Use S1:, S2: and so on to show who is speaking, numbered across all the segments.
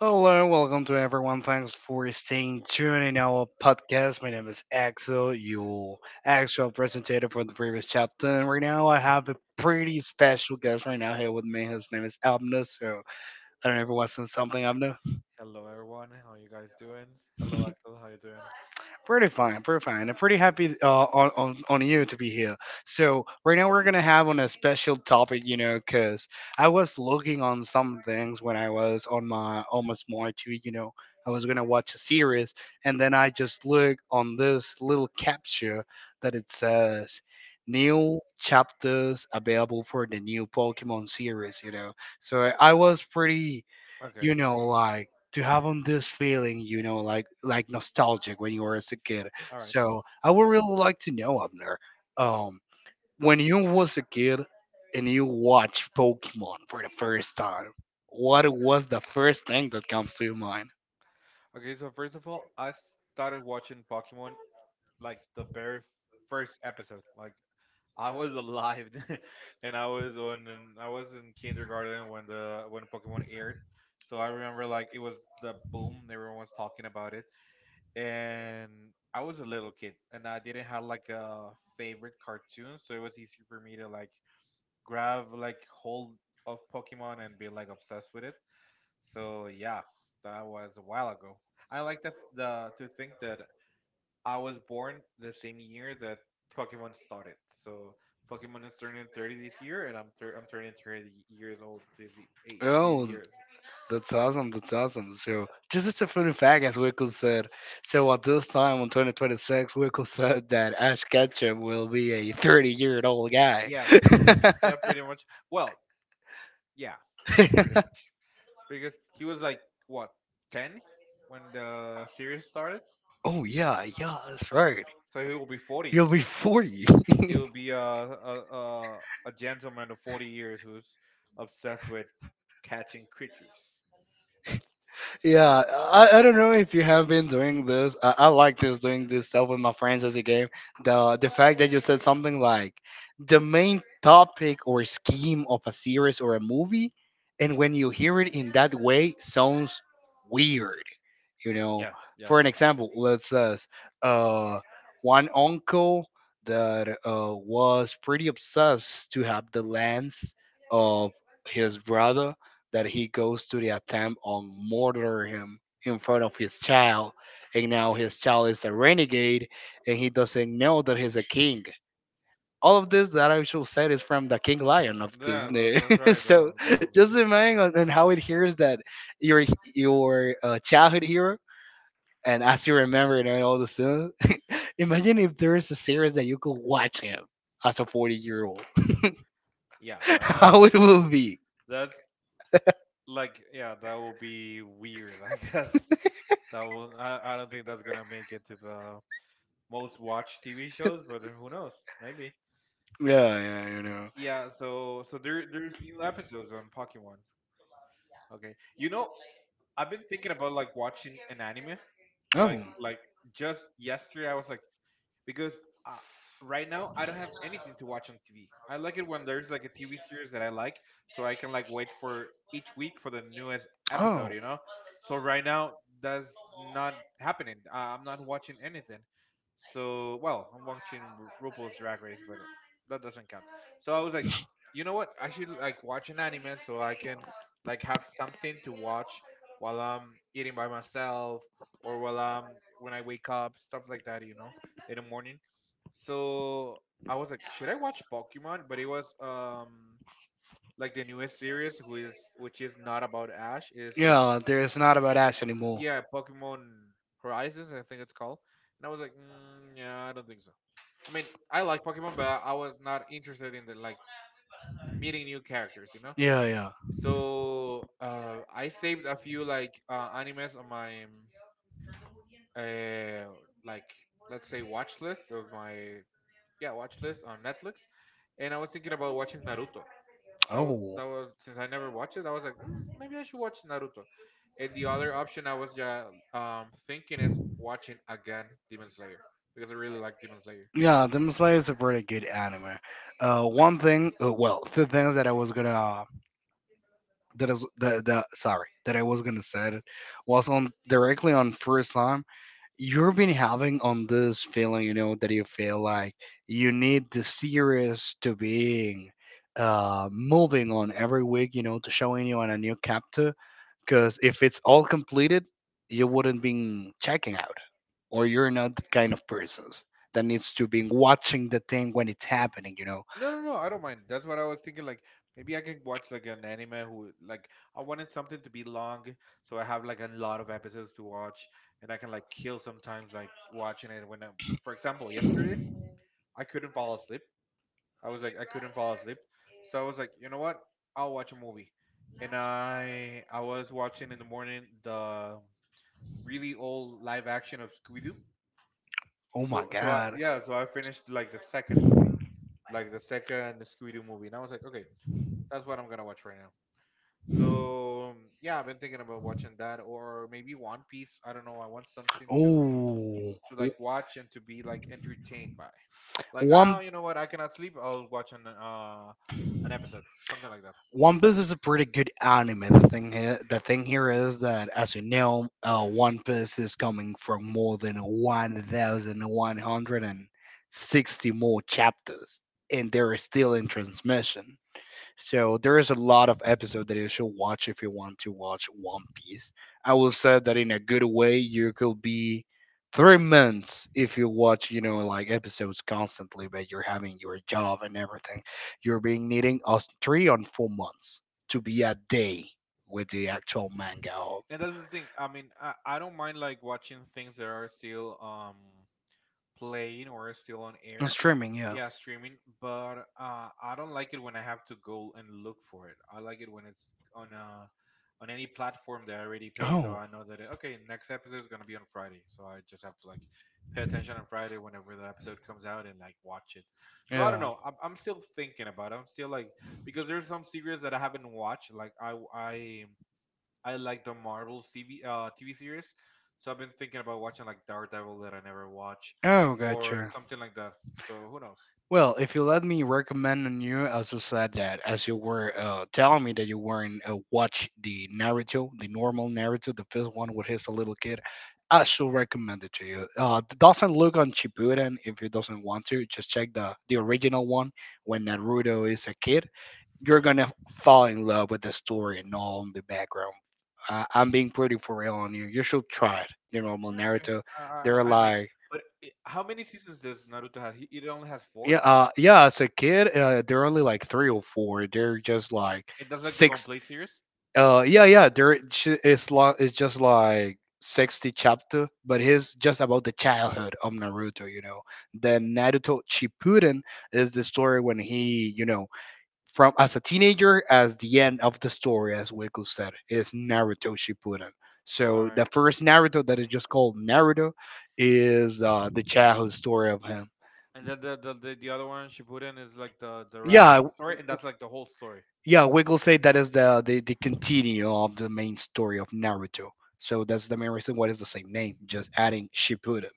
S1: Hello, welcome to everyone. Thanks for staying tuned in our podcast. My name is Axel, your actual presentator for the previous chapter. And right now, I have a pretty special guest right now here with me. His name is Abner. So, I don't know if it wasn't something, Abner.
S2: Hello everyone, how you guys doing? Hello Axel, how you doing?
S1: Pretty fine, pretty fine. I'm pretty happy on you to be here. So right now we're gonna have on a special topic, because I was looking on some things when I was on my almost my TV, I was gonna watch a series, and then I just look on this little capture that it says new chapters available for the new Pokemon series. So I was pretty
S2: Okay,
S1: like to have on this feeling like nostalgic when you were as a kid.
S2: all right.
S1: So I would really like to know, Abner, um when you was a kid and you watched Pokemon for the first time, what was the first thing that comes to your mind?
S2: Okay, so first of all, I started watching Pokemon like the very first episode. Like I was alive, and I was in kindergarten when the when Pokemon aired. So I remember like it was the boom. Everyone was talking about it, and I was a little kid, and I didn't have like a favorite cartoon, so it was easy for me to like grab like hold of Pokemon and be like obsessed with it. So yeah, that was a while ago. I like the to think that I was born the same year that Pokemon started. So Pokemon is turning 30 this year, and I'm I'm turning 30 years old this y- eight these
S1: Oh,
S2: years.
S1: that's awesome. That's awesome. So, just as a fun fact, as Wickle said, so at this time in 2026, Wickle said that Ash Ketchum will be a 30-year-old guy.
S2: Yeah, yeah, pretty much. Well, yeah, yeah, pretty much. Because he was like what, 10 when the series started,
S1: Oh yeah, yeah, that's right.
S2: so he will be 40. He'll be a a, a a gentleman of 40 years who's obsessed with catching creatures. That's Yeah,
S1: Yeah, I don't know if you have been doing this. I like this doing this stuff with my friends as a game. The fact that you said something like the main topic or scheme of a series or a movie, and when you hear it in that way, sounds weird. You know,
S2: yeah,
S1: for an example, let's say uh, one uncle that was pretty obsessed to have the lens of his brother, that he goes to the attempt on murder him in front of his child, and now his child is a renegade and he doesn't know that he's a king. All of this that I should said is from the King Lion of Disney.
S2: that's right.
S1: So just imagine on how it hears that your your childhood hero, and as you remember and all the sudden. Imagine if there is a series that you could watch him as a 40-year old.
S2: Yeah,
S1: How it will be?
S2: that's like yeah, that will be weird. I guess that will. I don't think that's gonna make it to the most watched TV shows, but who knows? Maybe.
S1: Yeah, yeah,
S2: Yeah. So there's two episodes on Pokemon. Okay, you know, I've been thinking about like watching an anime.
S1: oh,
S2: Like like just yesterday, I was like, because uh, right now I don't have anything to watch on TV. I like it when there's like a TV series that I like, so I can like wait for each week for the newest
S1: oh.
S2: episode. You know, so right now that's not happening. I'm not watching anything. So well, I'm watching RuPaul's Drag Race, but that doesn't count. So I was like, you know what? I should like watch an anime so I can like have something to watch while I'm eating by myself or while I'm when I wake up, stuff like that. You know, in the morning. So I was like, should I watch Pokemon? But it was like the newest series, who is which is not about Ash, is
S1: Yeah, there is not about us anymore.
S2: yeah, Pokemon Horizons, I think it's called. And I was like, mm, yeah, I don't think so. I mean, I like Pokemon, but I was not interested in the like meeting new characters, you know.
S1: Yeah, yeah.
S2: So I saved a few like animes on my uh, like let's say watch list of my yeah watch list on Netflix, and I was thinking about watching Naruto.
S1: Oh.
S2: That was since I never watched it. I was like, mm, maybe I should watch Naruto. And the other option I was ja thinking is watching again Demon Slayer because I really like Demon Slayer.
S1: Yeah, Demon Slayer is a pretty good anime. One thing, well, two things that I was gonna, that is that, that sorry, that I was gonna say was on directly on first time you've been having on this feeling, that you feel like you need the series to being moving on every week, to showing you on a new chapter. Because if it's all completed, you wouldn't be checking out, or you're not the kind of persons that needs to be watching the thing when it's happening. You know,
S2: No, no, no, I don't mind. That's what I was thinking. Like maybe I can watch like an anime who like, I wanted something to be long, so I have like a lot of episodes to watch, and I can like kill sometimes like watching it when yesterday I couldn't fall asleep I was like, I couldn't fall asleep. So I was like, you know what? I'll watch a movie. And I was watching in the morning the really old live action of Scooby Doo.
S1: oh my
S2: So so
S1: god,
S2: yeah, so I finished like the second movie, like the second Scooby Doo movie, and I was like, okay, that's what I'm gonna watch right now. So yeah, I've been thinking about watching that or maybe One Piece. I don't know. I want something
S1: oh.
S2: to like watch and to be like entertained by. Like, oh,
S1: One
S2: you know what? I cannot sleep. I'll watch an episode, something like that.
S1: One Piece is a pretty good anime. The thing here is that, as you know, One Piece is coming from more than 1,160 more chapters, and they're still in transmission. So there is a lot of episode that you should watch if you want to watch One Piece. I will say that in a good way, you could be 3 months if you watch, like episodes constantly, but you're having your job and everything. You're being needing us three on 4 months to be a day with the actual manga of
S2: And that's the thing. I mean, I don't mind like watching things that are still playing or still on
S1: on
S2: air.
S1: streaming. Yeah.
S2: Yeah, streaming, but I don't like it when I have to go and look for it. I like it when it's on a on any platform that I already pay, so
S1: Oh.
S2: I know that okay, next episode is gonna be on Friday, so I just have to like pay attention on Friday whenever the episode comes out and like watch it. So I don't
S1: Yeah.
S2: know. I'm still thinking about it. I'm still like, because there's some series that I haven't watched. I like the Marvel TV series, so I've been thinking about watching like Daredevil that I never watch,
S1: Oh, or
S2: or
S1: gotcha.
S2: something like that. So who knows?
S1: Well, if you let me recommend on you, as you said that, as you were telling me that you weren't watch the Naruto, the normal Naruto, the first one with his little kid, I should recommend it to you. It doesn't look on Shippuden if you doesn't want to. Just check the original one when Naruto is a kid. You're gonna fall in love with the story and all in the background. I'm being pretty for real on you. You should try it. The normal Naruto, they're mean,
S2: I might.
S1: like
S2: But I how
S1: how.
S2: many seasons does Naruto have? It only has four.
S1: Yeah, yeah. As a kid, they're only like three or four. They're just like
S2: It does like the
S1: six.
S2: complete series.
S1: Yeah, yeah. There. It's just like 60 chapter, but it's just about the childhood of Naruto. Then Naruto Shippuden is the story when he, from as a teenager, as the end of the story, as Wiku said, is Naruto Shippuden.
S2: All
S1: So
S2: right.
S1: the first Naruto that is just called Naruto is the childhood story of him.
S2: And then the other one, Shippuden, is like the rest
S1: Yeah.
S2: of the story, and that's like the whole story.
S1: Yeah, Wiggle said that is the continue of the main story of Naruto. So that's the main reason why it's the same name, just adding Shippuden.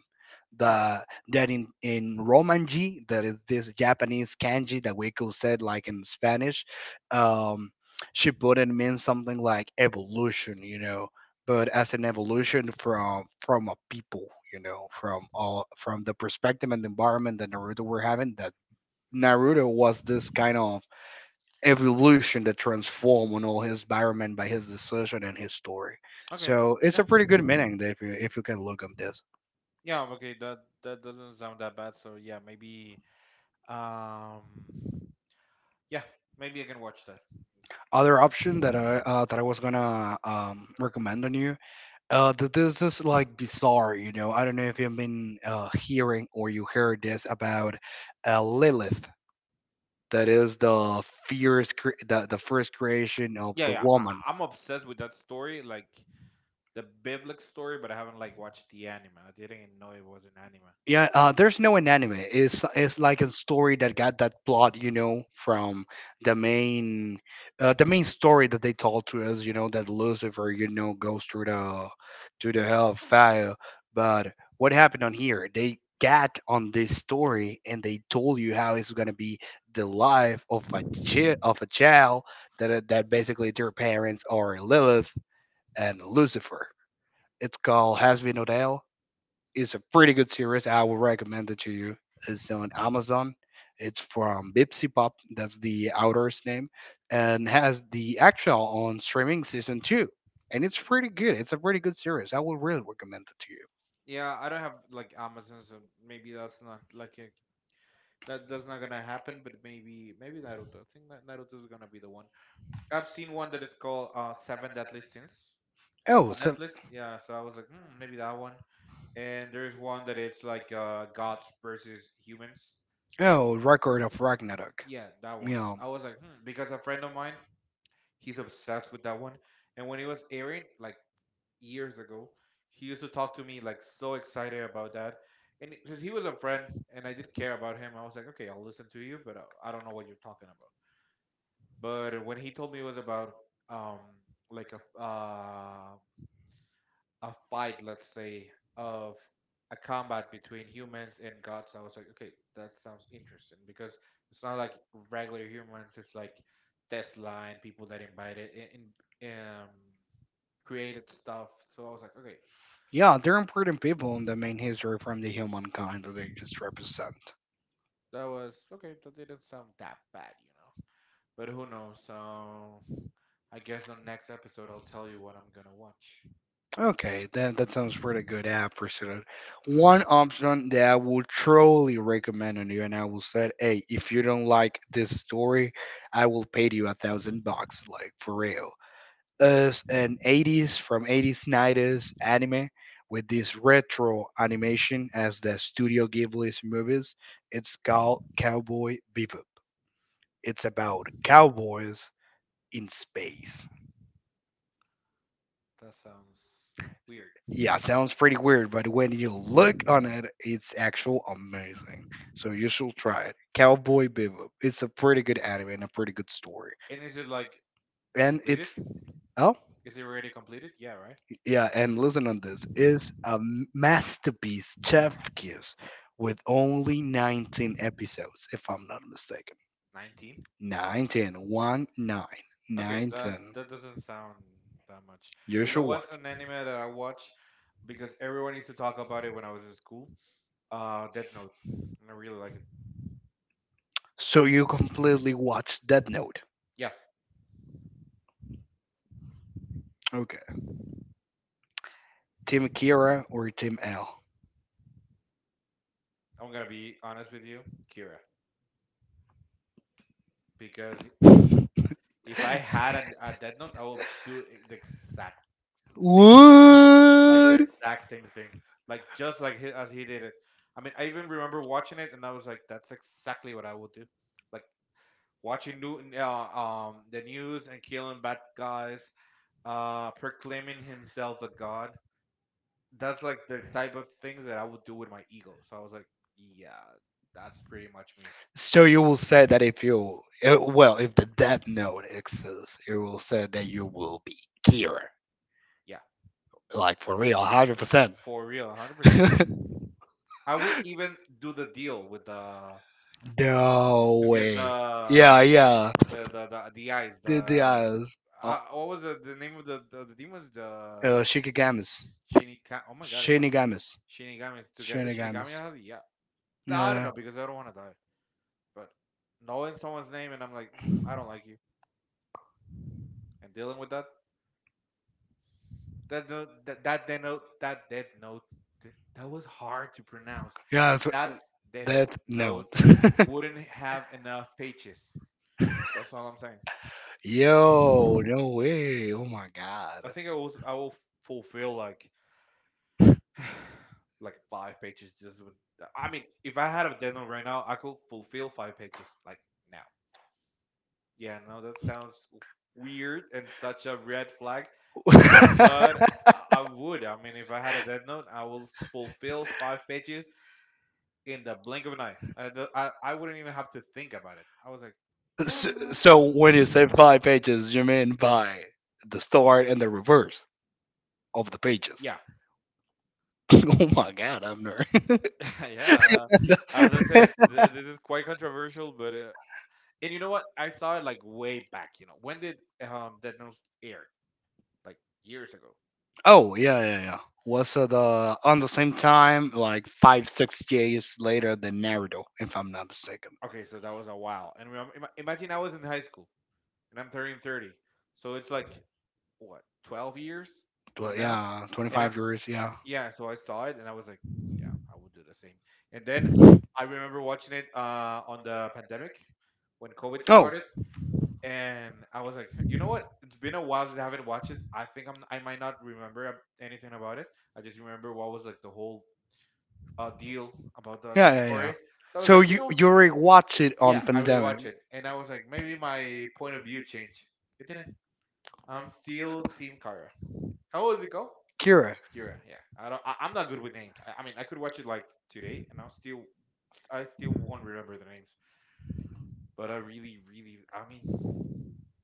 S2: All right.
S1: The that in Romanji, that is this Japanese kanji that Wiggle said, like in Spanish, um, Shippuden means something like evolution, but as an evolution from a people, from all from the perspective and environment that Naruto were having, that Naruto was this kind of evolution to transform on all his environment by his decision and his story.
S2: Okay. But
S1: So it's
S2: yeah.
S1: a pretty good meaning that if you can look at this.
S2: Yeah. Okay. That that doesn't sound that bad. So yeah, maybe. Um. Yeah. Maybe I can watch that.
S1: Other option that I was gonna recommend on you. This is like bizarre, you know. I don't know if you've been hearing or you heard this about Lilith. That is the first creation of
S2: Yeah,
S1: the
S2: yeah.
S1: woman.
S2: Am obsessed with that story, like the biblical story, but I haven't like watched the anime. I didn't even know it was an anime.
S1: Yeah, there's no an anime. It's like a story that got that plot, you know, from the main the main story that they told to us, that Lucifer, goes through the to the hell of fire. But what happened on here? They got on this story and they told you how it's gonna be the life of a child that that basically their parents are Lilith and Lucifer. It's called Has Been Odell. It's a pretty good series. I will recommend it to you. It's on Amazon. It's from Bipsy Pop. That's the author's name, and has the actual on streaming season two. And it's pretty good. It's a pretty good series. I will really recommend it to you.
S2: Yeah, I don't have like Amazon, so maybe that's not like a, that. That's not gonna happen. But maybe maybe Naruto. I think that Naruto is gonna be the one. I've seen one that is called Seven Deadly Sins
S1: Oh,
S2: on
S1: so.
S2: Netflix. Yeah, so I was like, hmm, maybe that one. And there's one that it's like gods versus humans.
S1: Oh, record of Ragnarok.
S2: Yeah, that one.
S1: Yeah,
S2: I was like, hmm, because a friend of mine, he's obsessed with that one. And when it was airing, like years ago, he used to talk to me like so excited about that. And it- since he was a friend and I did care about him, I was like, okay, I'll listen to you, but I don't know what you're talking about. But when he told me it was about um like a f- uh, a fight, let's say, of a combat between humans and gods, I was like, okay, that sounds interesting because it's not like regular humans. It's like Tesla and people that invited in um created stuff. So I was like, okay,
S1: yeah, they're important people in the main history from the humankind that they just represent.
S2: that was okay. That didn't sound that bad, you know. But who knows? So I guess on next episode I'll tell you what I'm gonna watch.
S1: Okay, that sounds pretty good app for sure. One option that I will truly recommend on you, and I will say, hey, if you don't like this story, I will pay you 1,000 bucks, like for real. Is an '80s from '80s '90s anime with this retro animation as the Studio Ghibli's movies. It's called Cowboy Bebop. It's about cowboys in space.
S2: That sounds weird.
S1: Yeah, sounds pretty weird, but when you look on it, it's actual amazing. So you should try it. Cowboy Bebop. It's a pretty good anime and a pretty good story.
S2: And is it like
S1: And
S2: completed?
S1: it's oh
S2: Is it already completed? Yeah, right.
S1: yeah, and listen on this is a masterpiece, chef kiss, with only 19 episodes, if I'm not mistaken.
S2: 19.
S1: 19, 19,
S2: Okay, that
S1: 19.
S2: that doesn't sound that much.
S1: You
S2: You know
S1: should
S2: what's
S1: watch.
S2: an anime that I watch because everyone used to talk about it when I was in school? Death Note. I really like it.
S1: So you completely watched Death Note.
S2: Yeah,
S1: Okay, Team Kira or Team L?
S2: I'm gonna be honest with you, Kira. Because if I had a Death Note, I would do the exact same thing, like the
S1: Would
S2: exact same thing, like just like as he did it. I mean, I even remember watching it, and I was like, "That's exactly what I would do." Like watching the news and killing bad guys, proclaiming himself a god. That's like the type of things that I would do with my ego. So I was like, "Yeah, that's pretty much me."
S1: so you will say that if you well, if the death note exists, you will say that you will be cured,
S2: Yeah,
S1: like for real, 100%.
S2: for real, 100%. I will even do the deal with the
S1: No
S2: to get
S1: way.
S2: the
S1: Yeah, yeah.
S2: the eyes. The
S1: The eyes. Oh,
S2: What was the name of the demons? The
S1: Shinigamis.
S2: Shinigami. Oh my god, yeah,
S1: Shinigamis.
S2: Shinigamis, to get the
S1: Shinigamis.
S2: Shinigami out. Yeah, no, I don't
S1: Yeah.
S2: know because I don't want to die. But knowing someone's name and I'm like, mm, I don't like you, and dealing with that that note that that dead note that dead note, that was hard to pronounce.
S1: Yeah, that's what.
S2: That dead
S1: Death
S2: note
S1: Note.
S2: wouldn't have enough pages. That's all I'm saying.
S1: Yo, no way. Oh my god.
S2: I think I will fulfill like like five pages just would if I had a deadline right now I could fulfill five pages like now. Yeah, no, that sounds weird and such a red flag, but I would. I mean, if I had a dead note, I will fulfill five pages in the blink of an eye. I wouldn't even have to think about it. I was like,
S1: So when you say five pages, you mean by the start and the reverse of the pages.
S2: yeah.
S1: Oh my god, I'm nerd.
S2: Yeah, as I said, this is quite controversial, but and you know what, I saw it like way back. You know, when did dead note air, like years ago.
S1: Oh yeah, yeah, yeah. Was it the on the same time, like 5, 6 years later than Naruto, if I'm not mistaken.
S2: Okay, so that was a while. And imagine I was in high school and I'm turning 30. So it's like, what, 12 years from now?
S1: Yeah,
S2: And I,
S1: 25 years. Yeah.
S2: yeah, so I saw it and I was like, yeah, I would do the same. And then I remember watching it on the pandemic when COVID
S1: Oh.
S2: started. And I was like, you know what? It's been a while since I haven't watched it. I think I might not remember anything about it. I just remember what was like the whole deal about the
S1: Yeah, yeah, yeah.
S2: story. So I was
S1: So
S2: like,
S1: you
S2: know,
S1: you already watch it on
S2: yeah, I rewatched
S1: pandemic.
S2: it, and I was like, maybe my point of view changed. It didn't. I'm still Team Kyra. How was it go?
S1: Kira.
S2: Kira. Yeah. I don't. I'm not good with names. I mean, I could watch it like today, and I'll still, I still won't remember the names. But I really, really. I mean,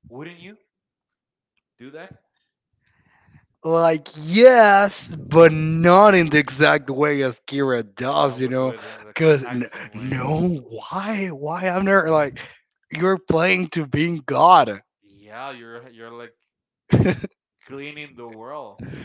S2: wouldn't you do that?
S1: Like yes, but not in the exact way as Kira
S2: I
S1: does, you
S2: would do
S1: know?
S2: it in the
S1: Cause
S2: exact same way.
S1: no, why I'm not like you're playing to being God.
S2: Yeah, you're like cleaning the world.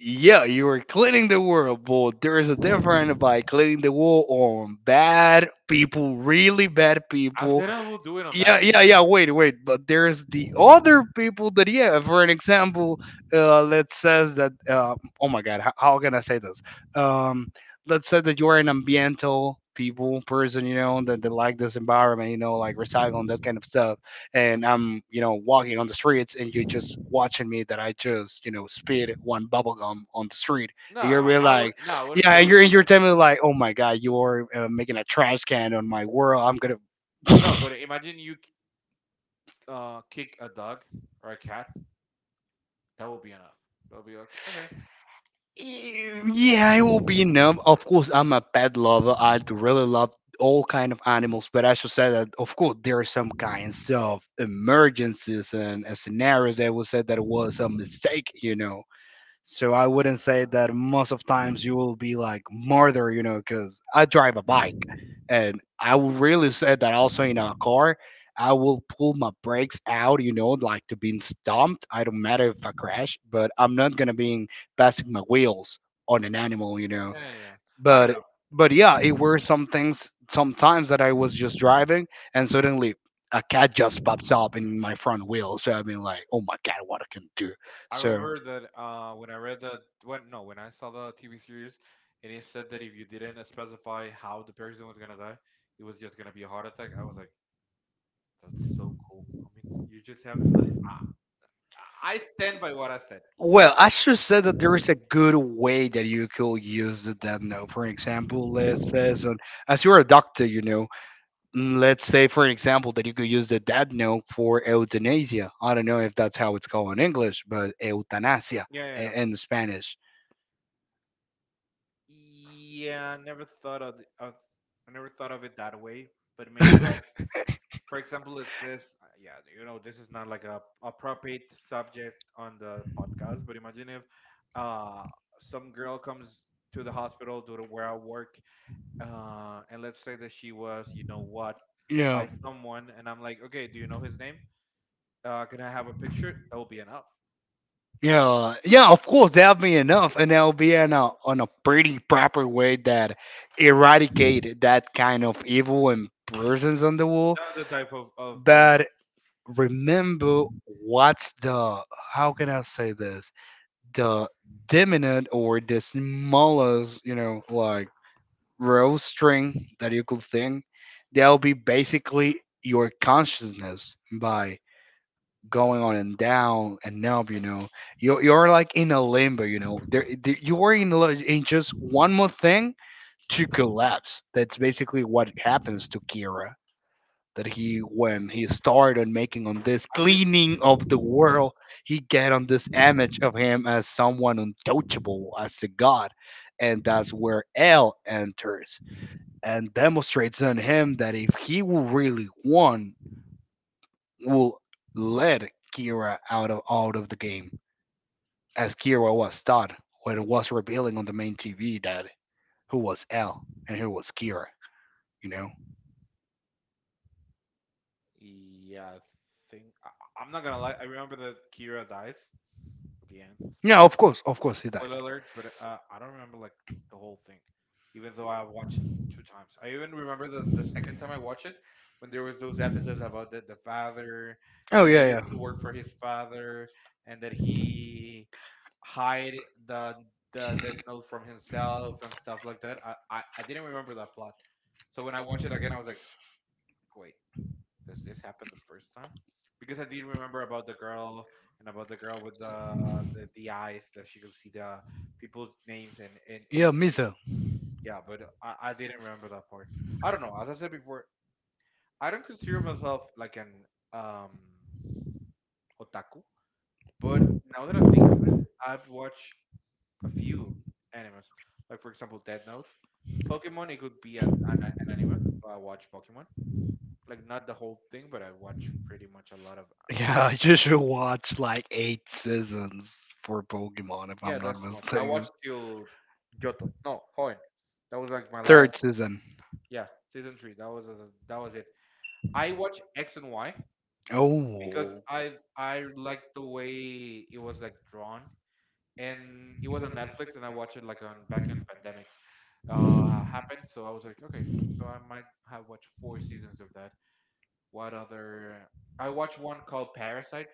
S1: Yeah, you were cleaning the world, but there is a difference by cleaning the world on bad people, really bad
S2: I
S1: people.
S2: said I will do it on bad
S1: yeah yeah
S2: people.
S1: yeah Wait, wait, but there's the other people that, yeah, for an example, let's says that oh my god, how can I say this? um let's say that you're an ambiental people person, you know, that like this environment, you know, like recycling, that kind of stuff. And I'm, you know, walking on the streets, and you're just watching me that I just, you know, spit one bubble gum on the street.
S2: No,
S1: And you're really
S2: I would.
S1: like,
S2: No, I wouldn't
S1: yeah.
S2: kill
S1: and
S2: you
S1: you're and you're
S2: for that.
S1: telling me like, oh my god, you're making a trash can on my world. I'm gonna.
S2: No, but imagine you kick a dog or a cat. That will be enough. They'll be okay. Okay.
S1: Yeah, I will be numb. Of course, I'm a pet lover. I do really love all kind of animals, but I should say that of course there are some kinds of emergencies and scenarios that will say that it was a mistake, you know. So I wouldn't say that most of times you will be like murder, you know, because I drive a bike, and I will really say that also in a car, I will pull my brakes out, you know, like to being stomped. I don't matter if I crash, but I'm not gonna be passing my wheels on an animal, you know.
S2: Yeah, yeah. I don't
S1: But
S2: know.
S1: but yeah, it were some things sometimes that I was just driving, and suddenly a cat just pops up in my front wheel. So I've been like, oh my god, what I can do?
S2: I
S1: So.
S2: remember that when I read that when no, when I saw the TV series, and it said that if you didn't specify how the person was gonna die, it was just gonna be a heart attack. I was like, that's so cool. I mean, you just have. Like, I stand by what I said.
S1: Well, I should say that there is a good way that you could use the death note. For example, let's say, so, as you're a doctor, you know, let's say, for example, that you could use the death note for euthanasia. I don't know if that's how it's called in English, but euthanasia
S2: Yeah, yeah, yeah.
S1: in Spanish.
S2: Yeah, I never thought of I never thought of it that way. But maybe like, for example, it says, yeah, you know, this is not like a appropriate subject on the podcast. But imagine if uh, some girl comes to the hospital to where I work, and let's say that she was, you know what,
S1: Yeah.
S2: by someone, and I'm like, okay, do you know his name? Can I have a picture? That will be enough.
S1: Yeah, yeah, of course that'll be enough, and that'll be in a on a pretty proper way that eradicate that kind of evil and persons on the wall.
S2: That's the type of.
S1: But remember, what's the, how can I say this, the dominant or the smallest, you know, like row string that you could think that'll be basically your consciousness by going on and down and up, you know. You're like in a limbo, you know. You're in, in just one more thing to collapse. That's basically what happens to Kira, that he when he started making on this
S2: I
S1: cleaning of the world, he get on this image of him as someone untouchable, as a god. And that's where L enters and demonstrates on him that if he will really want, will let Kira out of the game, as Kira was taught when it was revealing on the main TV that who was L and who was Kira, you know.
S2: yeah, I think I'm not gonna lie. I remember that Kira dies at the end.
S1: Yeah,
S2: Spoiler,
S1: of course he does.
S2: spoiler alert. But I don't remember like the whole thing, even though I watched it two times. I even remember the second time I watched it when there was those episodes about the father
S1: Oh
S2: that he
S1: yeah, yeah.
S2: used to work for his father and that he hide the death note from himself and stuff like that. I didn't remember that plot. So when I watched it again, I was like, wait. Does this happen the first time? Because I did remember about the girl and about the girl with the eyes that she could see the people's names and
S1: Yeah,
S2: ages.
S1: Misa.
S2: Yeah, but I didn't remember that part. I don't know. As I said before, I don't consider myself like an um otaku, but now that I think of it, I've watched a few animes. Like for example, Dead Note, Pokemon. It could be an anime. So I watch Pokemon. Like not the whole thing, but I watch pretty much a lot of. Uh.
S1: Yeah, you should watch like eight seasons for Pokemon, if I'm
S2: Yeah,
S1: not
S2: that's too much. I
S1: mistaken.
S2: watched till Johto. No, Hoenn. That was like my last.
S1: Third season.
S2: Yeah, season three. That was it. I watch X and Y because
S1: Oh.
S2: I liked the way it was like drawn, and it was on Netflix, and I watched it like on back in pandemics uh happened. So I was like, okay, so I might have watched four seasons of that. What other? I watched one called Parasite.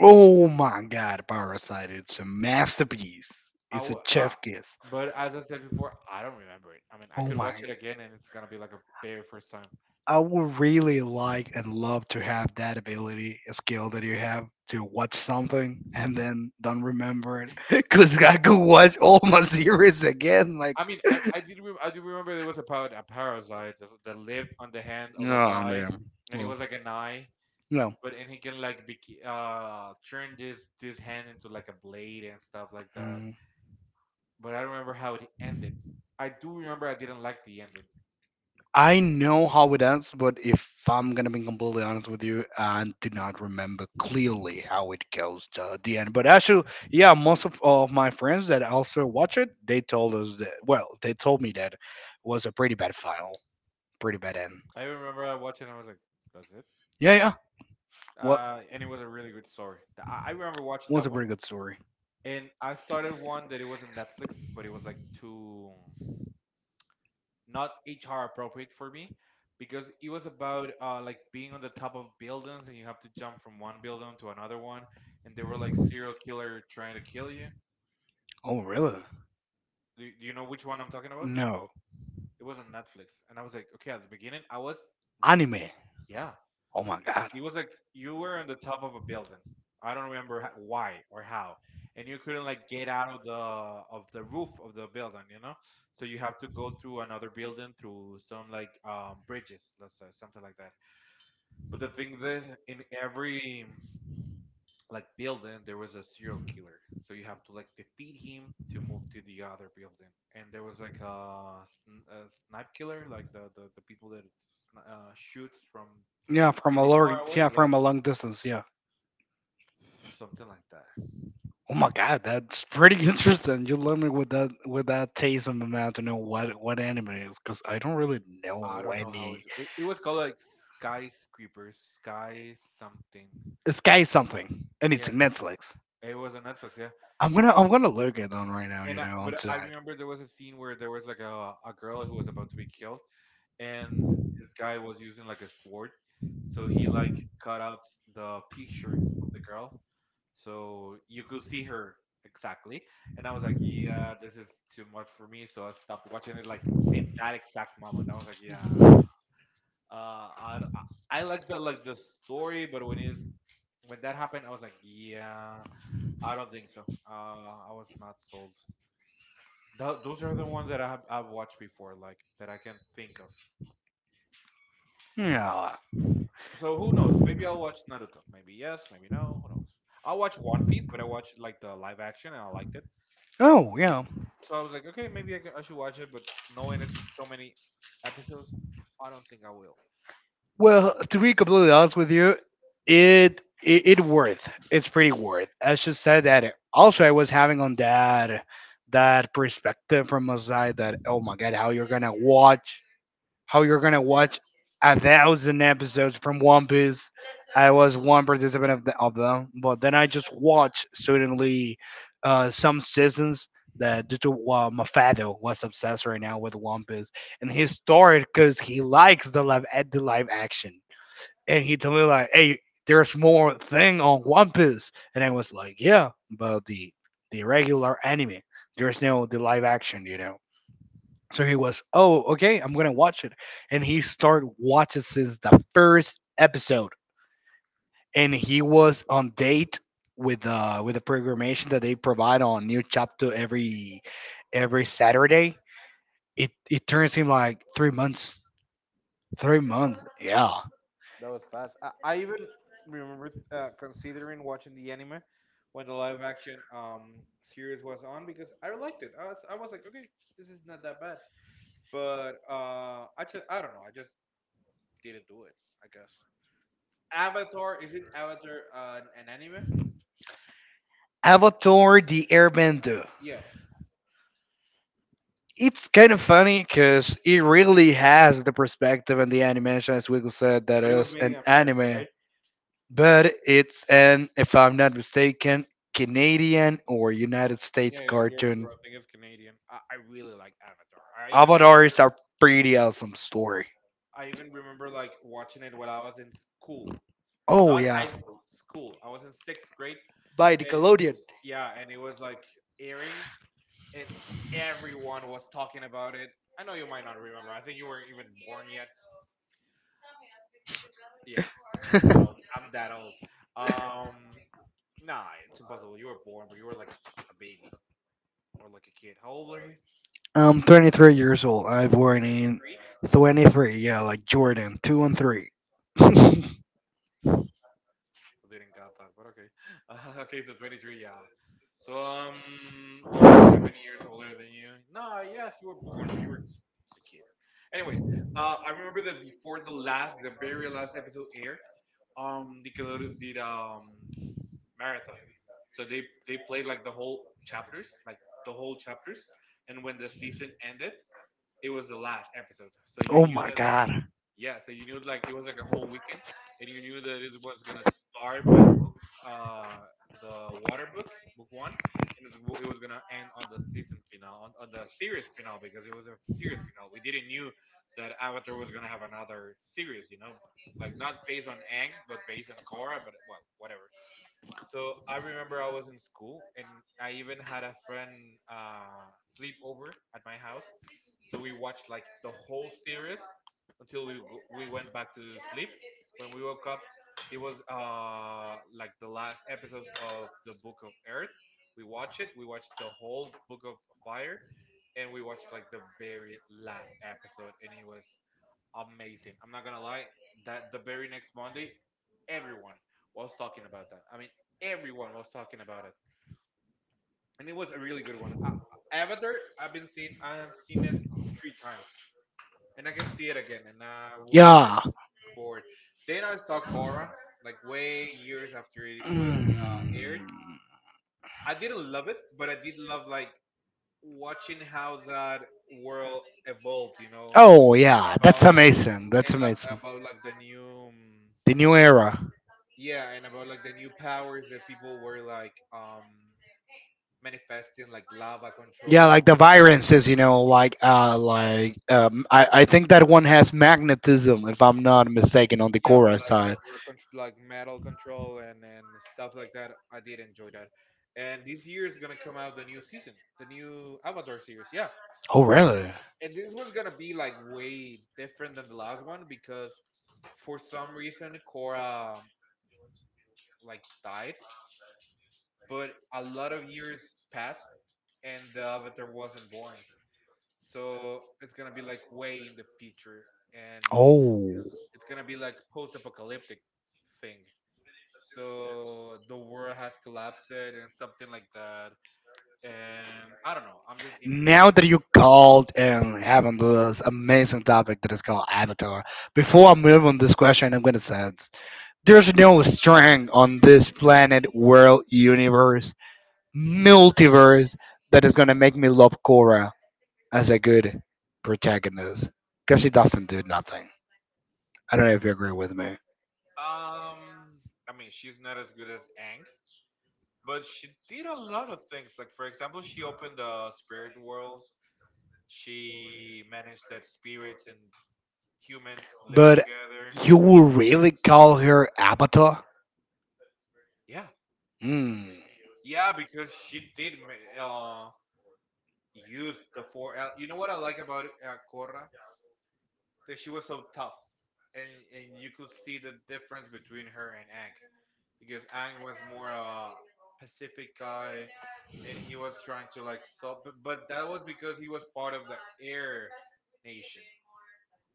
S1: Oh my god, Parasite. It's a masterpiece.
S2: I
S1: The
S2: w- uh,
S1: chef kiss.
S2: but as I said before, I don't remember it. I mean, I
S1: Oh
S2: could
S1: my.
S2: watch it again, and it's gonna be like a very first time.
S1: I would really like and love to have that ability, a skill that you have to watch something and then don't remember it. Because I could watch all my series again. Like,
S2: I mean, I did I do remember there was about a parasite that lived on the hand of a
S1: no,
S2: guy,
S1: man.
S2: and it was like an eye,
S1: No.
S2: but and he can like turn this hand into like a blade and stuff like that.
S1: No.
S2: But I don't remember how it ended. I do remember I didn't like the ending.
S1: I know how it ends, but if I'm gonna be completely honest with you, I do not remember clearly how it goes to the end. But actually, yeah, most of my friends that also watch it, they told us that. Well, they told me that was a pretty bad final, pretty bad end.
S2: I remember I watched it and I was like, that's it.
S1: Yeah, yeah. What
S2: And it was a really good story. I remember watching
S1: was
S2: that
S1: a
S2: one.
S1: pretty good story.
S2: And I started one that it was on Netflix, but it was like too not HR appropriate for me because it was about like being on the top of buildings and you have to jump from one building to another one, and there were like serial killer trying to kill you.
S1: Oh, really?
S2: Do you know which one I'm talking about?
S1: No.
S2: It was on Netflix, and I was like, okay, at the beginning I was, v-
S1: Anime.
S2: yeah,
S1: Oh my god.
S2: it was like you were on the top of a building. I don't remember why or how, and you couldn't like get out of the roof of the building, you know. So you have to go through another building through some like bridges, let's say something like that. But the thing that in every like building there was a serial killer, so you have to like defeat him to move to the other building. And there was like sn- a snipe killer, like the people that shoots from
S1: Yeah, from a
S2: really far
S1: long, yeah,
S2: away. Yeah,
S1: from a long distance. Yeah.
S2: something like that.
S1: Oh my god, that's pretty interesting. You learned me with that taste in my mouth to know what anime it is because I don't really
S2: I
S1: know
S2: don't know how it
S1: any.
S2: was. It was called like Skyscrapers, Sky something.
S1: Sky something, and it's
S2: Yeah,
S1: in Netflix.
S2: it was on Netflix. Yeah,
S1: I'm gonna look it on right now.
S2: and
S1: You know, on
S2: but I
S1: tonight.
S2: remember there was a scene where there was like a girl who was about to be killed, and this guy was using like a sword, so he like cut out the T-shirt of the girl, so you could see her exactly. And I was like, yeah, this is too much for me, so I stopped watching it. Like in that exact moment, I was like, yeah, uh, I, d- I like the story, but when it's when that happened, I was like, yeah, I don't think so. Uh, I was not sold. Those are the ones that I've watched before, like that I can think of.
S1: Yeah.
S2: So who knows? Maybe I'll watch Naruto. Maybe yes, maybe no. Who knows? I'll watch One Piece, but I watched like the live action and I liked it.
S1: Oh yeah.
S2: So I was like, okay, maybe I should watch it, but knowing it's so many episodes, I don't think I will.
S1: Well, to be completely honest with you, it worth. It's pretty worth. I just said that. Also, I was having on that that perspective from a side that oh my god, how you're gonna watch a thousand episodes from One Piece. I was one participant of them, but then I just watched suddenly some seasons that due to Mafado was obsessed right now with One Piece, and he started because he likes the live action and he told me like, "Hey, there's more thing on One Piece," and I was like, "Yeah, but the regular anime, there's no the live action, you know." So he was, "Oh, okay, I'm gonna watch it," and he started watching since the first episode, and he was on date with the programmation that they provide on New Chapter every Saturday. It turns him like 3 months, three
S2: Wow.
S1: months, yeah.
S2: That was fast. I even remember considering watching the anime when the live action series was on because I liked it. I was like, okay, this is not that bad. But I just I don't know. I just didn't do it. I guess Avatar is it Avatar an anime?
S1: Avatar the Airbender.
S2: Yeah,
S1: It's kind of funny because it really has the perspective and the animation, as Wiggle said, that
S2: but it was
S1: is
S2: made in
S1: an
S2: America,
S1: anime.
S2: right?
S1: But it's an, if I'm not mistaken, Canadian or United States
S2: Yeah, you're true.
S1: cartoon.
S2: I think it's Canadian. I really like Avatar.
S1: Avatar is a pretty awesome story.
S2: I even remember like watching it while I was in school,
S1: Oh,
S2: not
S1: yeah.
S2: high school, school. I was in sixth grade.
S1: By
S2: And,
S1: Nickelodeon.
S2: yeah, and it was like airing, and everyone was talking about it. I know you might not remember. I think you weren't even born yet. Yeah, I'm that old. I'm that old. Um, nah, it's impossible. You were born, but you were like a baby or like a kid. How old are you?
S1: I'm 23 years old. I've worn in 23, yeah, like Jordan, 2 and 3.
S2: Didn't got that, but okay. Okay, so 23, yeah. So almost years older than you. Nah, yes, you were born, but you were a kid. Anyways, I remember that before the last, the very last episode aired, Nickelodeon did marathon. So they played like the whole chapters, like the whole chapters, and when the season ended, it was the last episode. So you
S1: Oh
S2: knew
S1: my
S2: that
S1: god.
S2: yeah, so you knew like it was like a whole weekend, and you knew that it was gonna start by uh the water book, book one, and it was gonna end on the season finale, on the series finale because it was a series finale. We didn't knew that Avatar was gonna have another series, you know, like not based on Ang, but based on Korra, but well, whatever. So I remember I was in school, and I even had a friend sleep over at my house. So we watched like the whole series until we went back to sleep. When we woke up, it was like the last episodes of the Book of Earth. We watched it. We watched the whole Book of Fire, and we watched like the very last episode, and it was amazing. I'm not gonna lie, that the very next Monday, everyone was talking about that. I mean, everyone was talking about it, and it was a really good one. I, Avatar, I have seen it three times, and I can see it again, and I wouldn't get
S1: Yeah.
S2: bored. Then I saw Korra, like way years after it was aired.
S1: Mm.
S2: I didn't love it, but I did love like watching how that world evolved. You know,
S1: Oh yeah, that's
S2: about like
S1: amazing. That's
S2: and like,
S1: amazing.
S2: about like the new.
S1: The new era.
S2: Yeah, and about like the new powers that people were like manifesting, like lava
S1: Yeah,
S2: control.
S1: like the viruses, you know, like I think that one has magnetism if I'm not mistaken on the
S2: Yeah, or
S1: Korra side.
S2: like metal control and stuff like that. I did enjoy that. And this year is gonna come out the new season, the new Avatar series. Yeah,
S1: Oh really?
S2: and this was gonna be like way different than the last one because for some reason Korra like died, but a lot of years passed and the Avatar wasn't born. So it's gonna be like way in the future, and
S1: Oh. and
S2: it's gonna be like post-apocalyptic thing, so the world has collapsed and something like that, and I don't know, I'm just
S1: thinking
S2: interested.
S1: Now that you called and having this amazing topic that is called Avatar, before I move on this question, I'm gonna say it. There's no string on this planet, world, universe, multiverse that is gonna make me love Korra as a good protagonist because she doesn't do nothing. I don't know if you agree with me.
S2: um I mean, she's not as good as Ang, but she did a lot of things. Like, for example, she opened the spirit world, she managed that spirits and humans live
S1: But
S2: together.
S1: you will really call her Avatar?
S2: Yeah.
S1: Hmm.
S2: Yeah, because she did use the four. You know what I like about Korra? That she was so tough, and and you could see the difference between her and Ang, because Ang was more a Pacific guy, and he was trying to like sub, but that was because he was part of the Air Nation,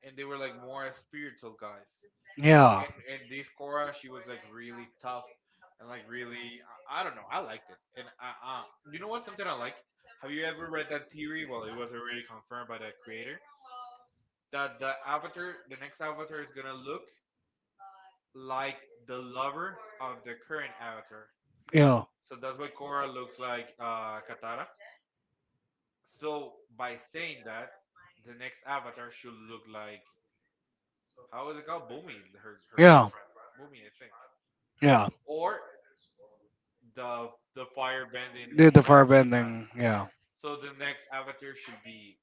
S2: and they were like more spiritual guys,
S1: Yeah.
S2: and this Cora, she was like really tough and like really, I don't know, I liked it. And I, you know what? Something I like. Have you ever read that theory? Well, it was already confirmed by the creator that the avatar, the next avatar, is gonna look like the lover of the current avatar.
S1: Yeah.
S2: So that's why Korra looks like Katara. So by saying that, the next avatar should look like, how is it called? Boomy, her girl.
S1: Yeah.
S2: Boomy, I think.
S1: Yeah.
S2: Or the the firebend in
S1: Did the
S2: front she has.
S1: firebending? Yeah.
S2: So the next avatar should be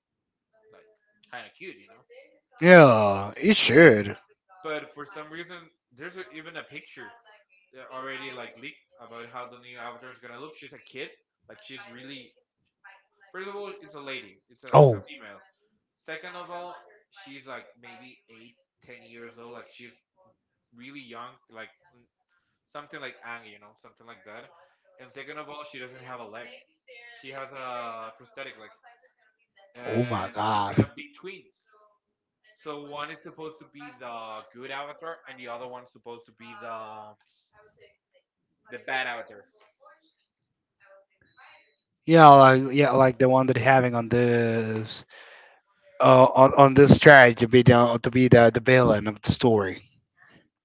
S2: like kind of cute, you know.
S1: Yeah. It should.
S2: But for some reason, there's a, even a picture that already like leaked about how the new avatar is gonna look. She's a kid, like she's really. First of all, it's a lady. It's a
S1: Oh.
S2: female. Second of all, she's like maybe eight, 10 years old. Like she's really young, like something like Ang, you know, something like that. And second of all, she doesn't have a leg. She has a prosthetic leg,
S1: Oh my
S2: and it's gonna
S1: God.
S2: be twins. So one is supposed to be the good avatar, and the other one's supposed to be the bad avatar.
S1: Yeah. Like yeah, like the one that having on this on this try to be the villain of the story.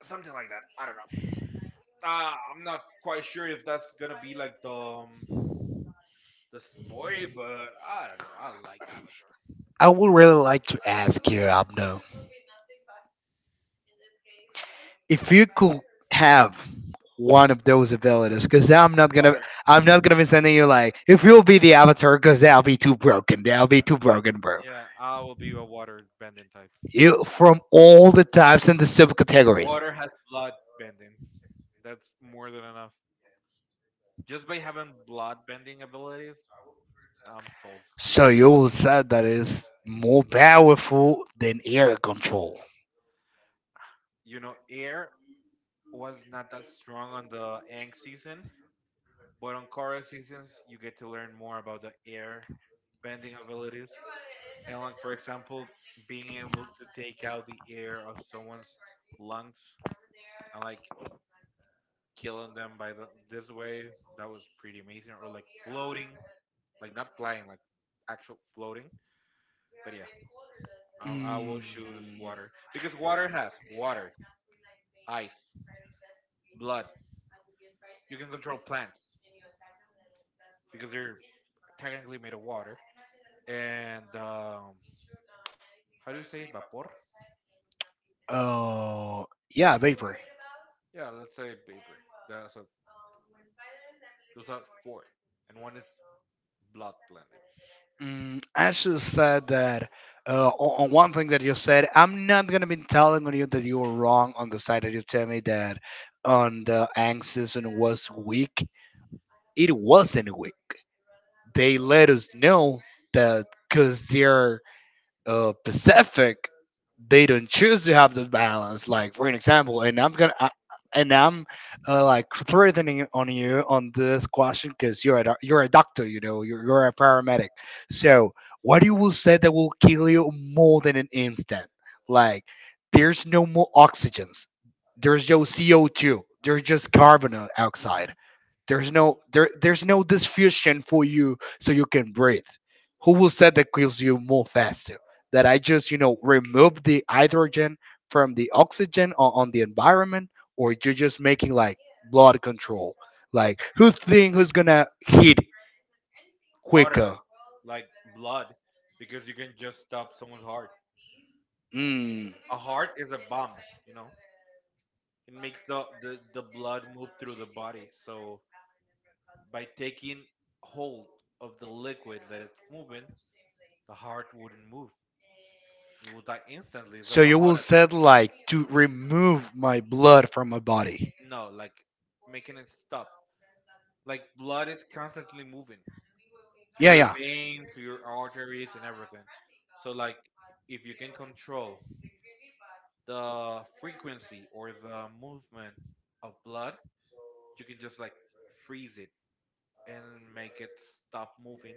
S2: Something like that, I don't know. I'm not quite sure if that's gonna be like um, the story, but I don't know, I like Avatar.
S1: I would really like to ask you, Abno, if you could have one of those abilities, because I'm not gonna
S2: Water.
S1: I'm not gonna be sending you like if you'll be the avatar, because that'll be too broken. That'll be too broken, bro.
S2: Yeah, I will be a water bending type.
S1: You from all the types and the subcategories.
S2: Water has blood bending. That's more than enough. Just by having blood bending abilities, I'm sold.
S1: So you will say that is more powerful than air control.
S2: You know, air was not that strong on the Ang season, but on Korra seasons, you get to learn more about the air bending abilities. And like, for example, being able to take out the air of someone's lungs and like killing them by the this way, that was pretty amazing. Or like floating, like not flying, like actual floating. But yeah, I will choose
S1: Mm.
S2: water because water has water, ice, blood. You can control plants because they're technically made of water, and how do you say vapor?
S1: Uh, yeah, vapor.
S2: Yeah, let's say vapor. That's a, those are four, and one is blood blended.
S1: Mm, I should have said that on one thing that you said, I'm not gonna be telling on you that you were wrong on the side that you tell me that on the anxious and was weak. It wasn't weak. They let us know that because they're Pacific, they don't choose to have the balance. Like for an example, and I'm gonna. And I'm like threatening on you on this question because you're a doctor, you know, you're a paramedic. So what you will say that will kill you more than an instant? Like there's no more oxygens. There's no CO2. There's just carbon
S2: hmm
S1: outside. There's no diffusion for you so you can breathe. Who will say that kills you more faster? That I just, you know, remove the hydrogen from the oxygen on the environment or you're just making like blood control. Like who's gonna hit
S2: Harder,
S1: quicker?
S2: like blood, because you can just stop someone's heart.
S1: Mm.
S2: A heart is a bomb, you know. It makes the blood move through the body. So by taking hold of the liquid that it's moving, the heart wouldn't move. You will die instantly. It's
S1: So
S2: like a
S1: you
S2: heart
S1: will
S2: attack.
S1: said like to remove my blood from my body.
S2: No, like making it stop. Like blood is constantly moving through
S1: Yeah,
S2: your
S1: yeah.
S2: veins, through your arteries, and everything. So, like, if you can control the frequency or the movement of blood, you can just like freeze it and make it stop moving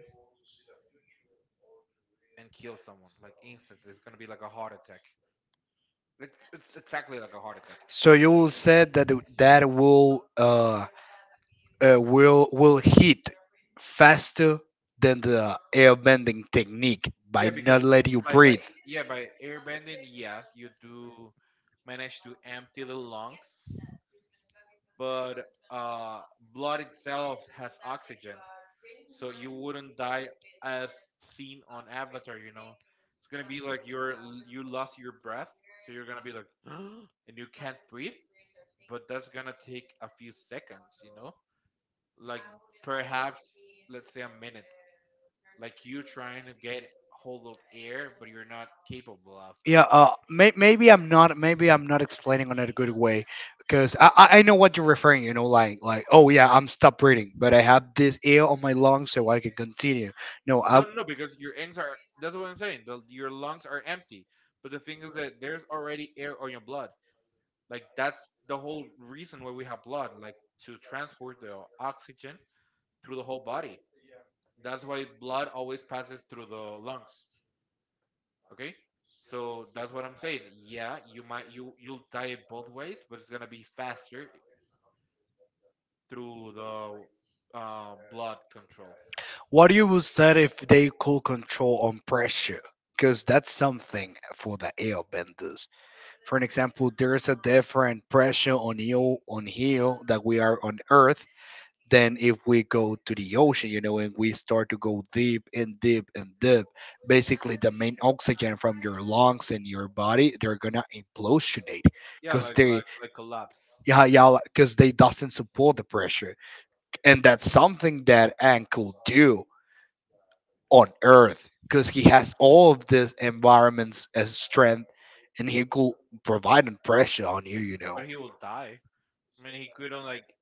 S2: and kill someone like instantly. It's gonna be like a heart attack. It's exactly like a heart attack.
S1: So you will said that that will will hit faster than the air bending technique by
S2: Yeah, because
S1: not letting you
S2: by
S1: breathe.
S2: yeah, by airbending, yes, you do manage to empty the lungs, but blood itself has oxygen, so you wouldn't die as seen on Avatar. You know, it's gonna be like you're you lost your breath, so you're gonna be like, and you can't breathe. But that's gonna take a few seconds. You know, like perhaps let's say a minute. Like you trying to get hold of air, but you're not capable of.
S1: Yeah, maybe I'm not. Maybe I'm not explaining on it a good way because I know what you're referring. You know, oh yeah, I'm stop breathing, but I have this air on my lungs so I can continue. No, I.
S2: No, no, no, because your lungs are. That's what I'm saying. The, your lungs are empty. But the thing is that there's already air on your blood. Like, that's the whole reason why we have blood, like to transport the oxygen through the whole body. That's why blood always passes through the lungs. Okay? So that's what I'm saying. Yeah, you might you'll die it both ways, but it's gonna be faster through the blood control.
S1: What you would say if they could control on pressure? Because that's something for the airbenders. For an example, there is a different pressure on you on here that we are on Earth than if we go to the ocean, you know, and we start to go deep and deep and deep. Basically, the main oxygen from your lungs and your body, they're gonna implosionate
S2: Yeah,
S1: because
S2: like
S1: they,
S2: like like collapse.
S1: yeah, yeah, because they doesn't support the pressure, and that's something that Ang could do on Earth because he has all of this environment's as strength, and he could provide a pressure on you, you know.
S2: But he will die. I mean, he couldn't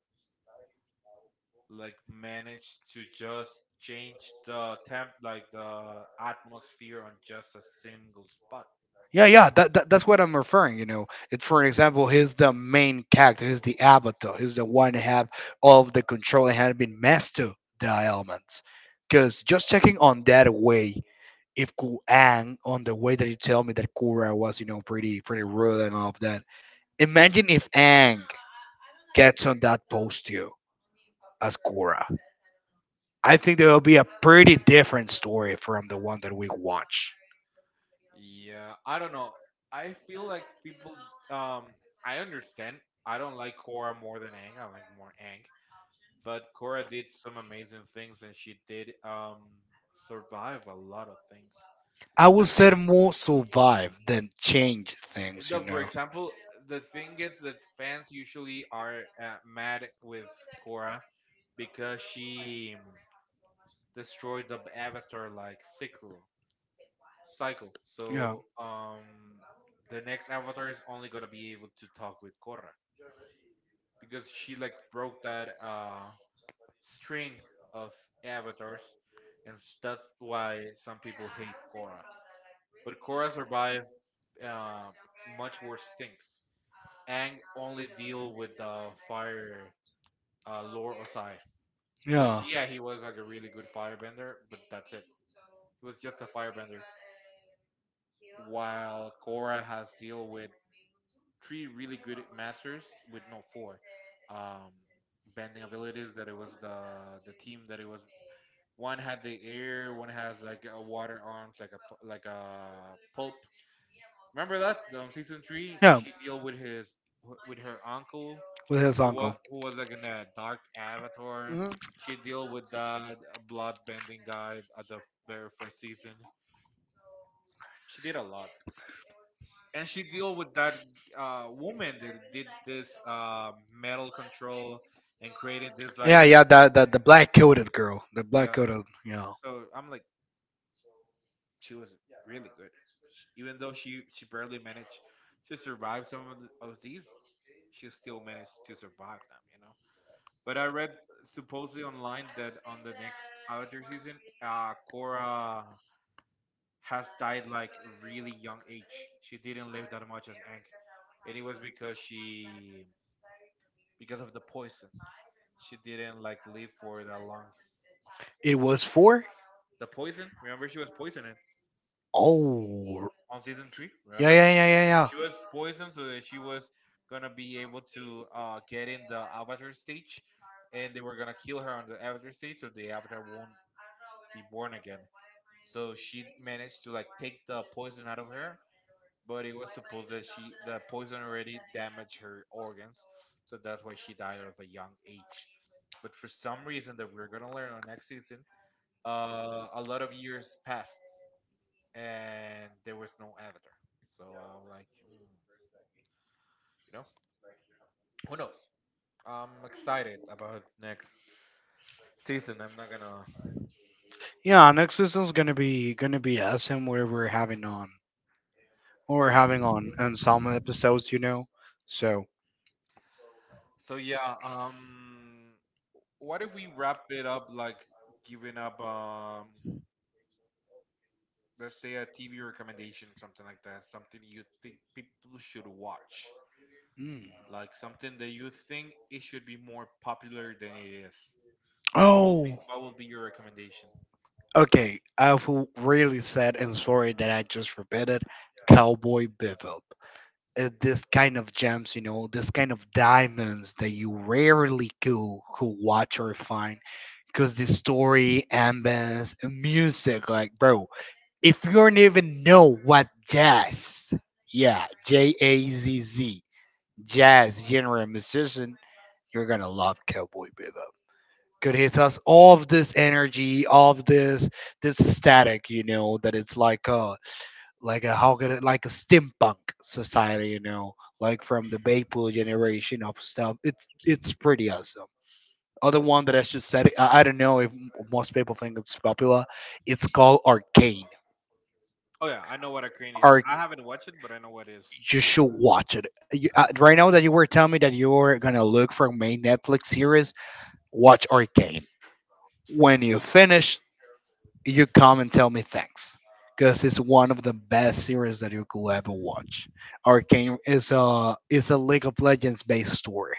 S2: like manage to just change the temp like the atmosphere on just a single spot.
S1: Yeah, yeah, that's what I'm referring. You know, it's for example, he's the main character, he's the avatar, he's the one who have all of the control and had been master the elements. Because just checking on that way, if Kuang, on the way that you tell me that Kura was, you know, pretty pretty rude and all of that, imagine if Ang gets on that posture as Kura. I think there will be a pretty different story from the one that we watch.
S2: Yeah, I don't know. I feel like people. Um, I understand. I don't like Korra more than Ang. I like more Ang. But Korra did some amazing things, and she did survive a lot of things.
S1: I
S2: The
S1: would say
S2: thing,
S1: more survive than change things, you
S2: the for
S1: know.
S2: example, the thing is that fans usually are mad with Korra because she destroyed the avatar like Cyclo. Cycle.
S1: Yeah,
S2: So the next avatar is only gonna be able to talk with Korra because she like broke that string of avatars, and that's why some people hate Korra. But Korra survived uh, much worse things. Aang only deal with the fire Lord Osai, which
S1: yeah,
S2: yeah, he was like a really good firebender, but that's it. He was just a firebender. While Korra has deal with three really good masters with no four um, bending abilities. That it was the team that it was. One had the air. One has like a water arms, like a pulp. Remember that season 3,
S1: yeah.
S2: she deal with his with her uncle
S1: With his uncle.
S2: who was like in a dark avatar.
S1: Mhm.
S2: She deal with that blood bending guy at the very first season. She did a lot, and she deal with that woman that did this metal control and created this like
S1: Yeah, yeah. That that The black coated girl, the black
S2: yeah.
S1: coated. You know,
S2: So I'm like, she was really good. Sh Even though she barely managed to survive some of, the, of these, she still managed to survive them, you know. But I read supposedly online that on the next avatar season, Korra has died like really young age, she didn't live that much as Aang, and it was because she, because of the poison. She didn't like live for that long.
S1: it was for.
S2: The poison, remember she was poisoned
S1: Oh.
S2: on season 3.
S1: Yeah,
S2: Remember,
S1: yeah, yeah, yeah, yeah.
S2: she was poisoned so that she was gonna be able to get in the avatar stage, and they were gonna kill her on the avatar stage so the avatar won't be born again. So she managed to like take the poison out of her, but it was supposed that she the poison already damaged her organs, so that's why she died at a young age. But for some reason that we're gonna learn on next season, uh, a lot of years passed and there was no Avatar. So I'm like, hmm, you know, who knows? I'm excited about next season. I'm not gonna.
S1: Yeah, next season's gonna be awesome where we're having on what we're having on some episodes, you know. So
S2: So yeah, um, what if we wrap it up like giving up. Let's say a TV recommendation, something like that, something you think people should watch,
S1: mm.
S2: like something that you think it should be more popular than it is. What will
S1: Oh,
S2: be what will be your recommendation?
S1: okay. I feel really sad and sorry that I just repeated Cowboy Bebop. This kind of gems, you know, this kind of diamonds that you rarely could watch or find because the story, ambience, and music, like, bro, if you don't even know what jazz, yeah, JAZZ, jazz genre musician, you're gonna love Cowboy Bebop. Could hit us all of this energy, all of this static, you know, that it's like a how could it, like a steampunk society, you know, like from the Beipul generation of stuff. It's pretty awesome. Other one that I should say, I don't know if most people think it's popular. It's called Arcane.
S2: Oh yeah, I know what a crane is.
S1: Are
S2: I haven't watched it, but I know what it is.
S1: is. You should watch it. Right now that you were telling me that you were gonna look for main Netflix series, watch Arcane. When you finish, you come and tell me thanks, because it's one of the best series that you could ever watch. Arcane is a League of Legends based story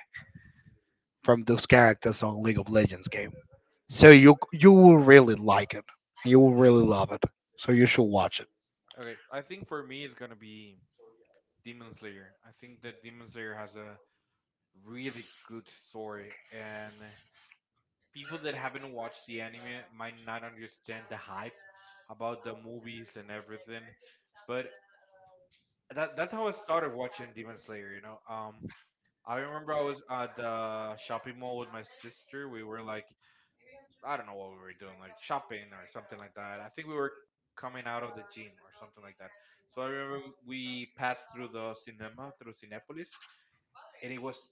S1: from those characters on League of Legends game. So you will really like it. You will really love it. So you should watch it.
S2: Okay, I think for me it's gonna be Demon Slayer. I think that Demon Slayer has a really good story, and people that haven't watched the anime might not understand the hype about the movies and everything. But that's how I started watching Demon Slayer. You know, I remember I was at the shopping mall with my sister. We were like, I don't know what we were doing, like shopping or something like that. I think we were coming out of the gym or something like that. So I remember we passed through the cinema, through Cinepolis, and it was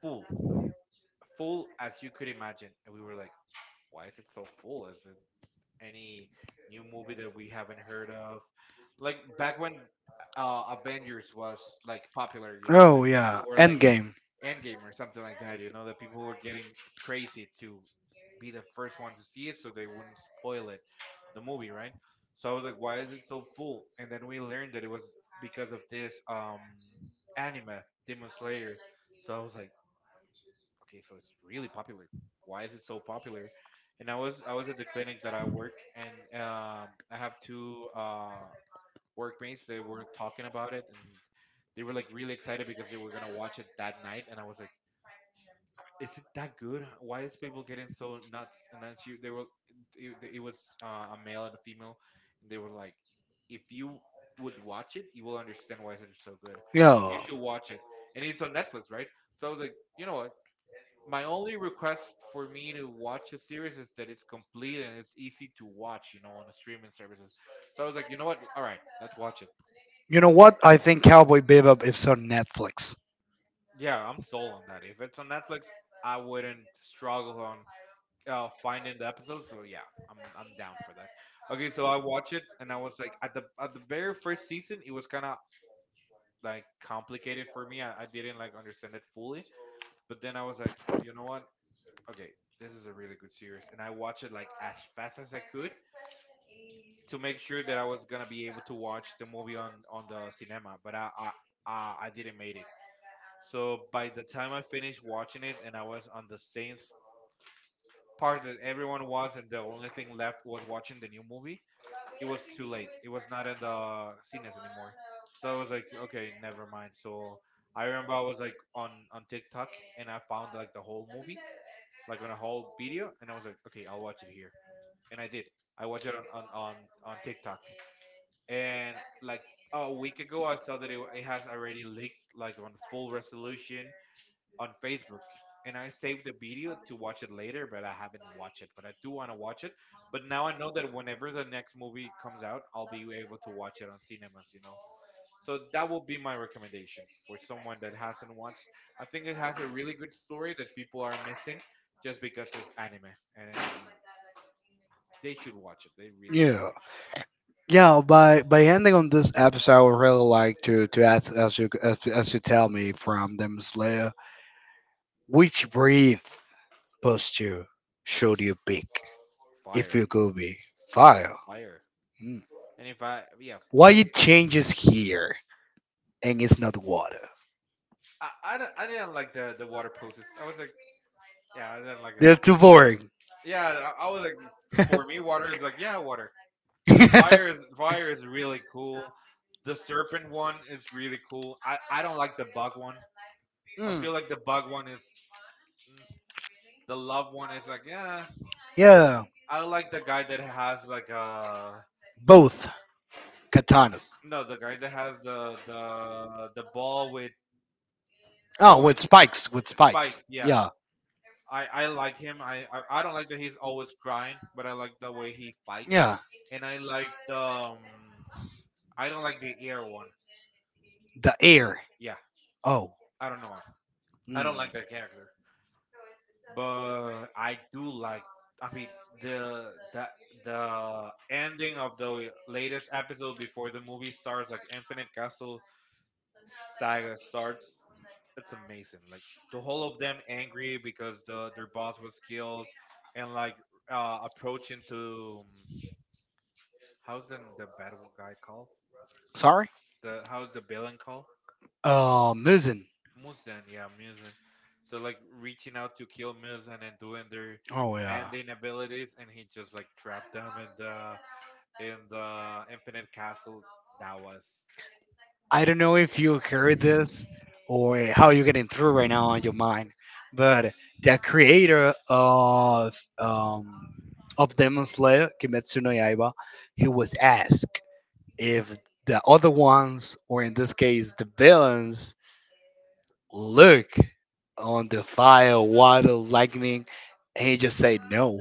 S2: full, full as you could imagine. And we were like, why is it so full? Is it any new movie that we haven't heard of? Like back when Avengers was like popular, you know, and
S1: Oh yeah,
S2: people were like
S1: Endgame.
S2: Endgame or something like that. You know, the people were getting crazy to be the first one to see it, so they wouldn't spoil it, the movie, right? So I was like, why is it so full? And then we learned that it was because of this anime, Demon Slayer. So I was like, okay, so it's really popular. Why is it so popular? And I was at the clinic that I work, and I have two workmates. They were talking about it, and they were like really excited because they were gonna watch it that night. And I was like, is it that good? Why is people getting so nuts? And then she, they were, it was a male and a female, and they were like, if you would watch it, you will understand why it's so good. You
S1: Yeah.
S2: should watch it, and it's on Netflix, right? So I was like, you know what? My only request for me to watch a series is that it's complete and it's easy to watch, you know, on the streaming services. So I was like, you know what? All right, let's watch it.
S1: You know what? I think Cowboy Bebop is on Netflix.
S2: Yeah, I'm sold on that. If it's on Netflix, I wouldn't struggle on finding the episode. So yeah, I'm down for that. Okay, so I watch it and I was like at the very first season, it was kind of like complicated for me. I didn't like understand it fully, but then I was like, you know what? Okay, this is a really good series, and I watched it like as fast as I could to make sure that I was gonna be able to watch the movie on the cinema. But I didn't made it. So by the time I finished watching it, and I was on the same part that everyone was, and the only thing left was watching the new movie. It was too late. It was not in the cines anymore. So I was like, okay, never mind. So I remember I was like on TikTok and I found like the whole movie, like on a whole video, and I was like, okay, I'll watch it here, and I did. I watched it on TikTok, and like a week ago, I saw that it has already leaked like on full resolution, on Facebook and I saved the video to watch it later, but I haven't watched it. But I do want to watch it. But now I know that whenever the next movie comes out, I'll be able to watch it on cinemas, you know. So that will be my recommendation for someone that hasn't watched. I think it has a really good story that people are missing just because it's anime and they should watch it. They really should.
S1: Yeah. Yeah, by ending on this episode, I would really like to ask as you as you tell me from them Slayer, which breath posture should you pick if
S2: Fire.
S1: you could be fire?
S2: Fire.
S1: Hmm.
S2: And if I, yeah,
S1: Why
S2: fire.
S1: it changes here and it's not water?
S2: I didn't like the water poses. I was like, yeah, I didn't like it.
S1: They're too boring.
S2: Yeah, I was like, for me, water is like, yeah, water. Fire is really cool. The serpent one is really cool. I don't like the bug one. I feel like the bug one is mm, the love one is like, yeah. I like the guy that has like
S1: Katanas.
S2: no, the guy that has the the ball with point with spikes. Yeah, I like him. I don't like that he's always crying, but I like the way he fights, and I like the I don't like the air one. Yeah, I don't know. I don't like that character, but I do like. I mean the the ending of the latest episode before the movie starts, like Infinite Castle saga starts. It's amazing. Like the whole of them angry because the their boss was killed, and like approaching to um, how's the bad guy called?
S1: Sorry.
S2: The how's the villain called?
S1: Muzin.
S2: Muzan, yeah, Muzan. So like reaching out to kill Muzan and doing their
S1: Oh. And
S2: banding abilities, and he just like trapped them in the Infinite Castle. That was
S1: I don't know if you heard this or how you're getting through right now on your mind, but the creator of of Demon Slayer, Kimetsu no Yaiba, he was asked if the other ones, or in this case the villains, look on the fire, water, lightning, and he just said no.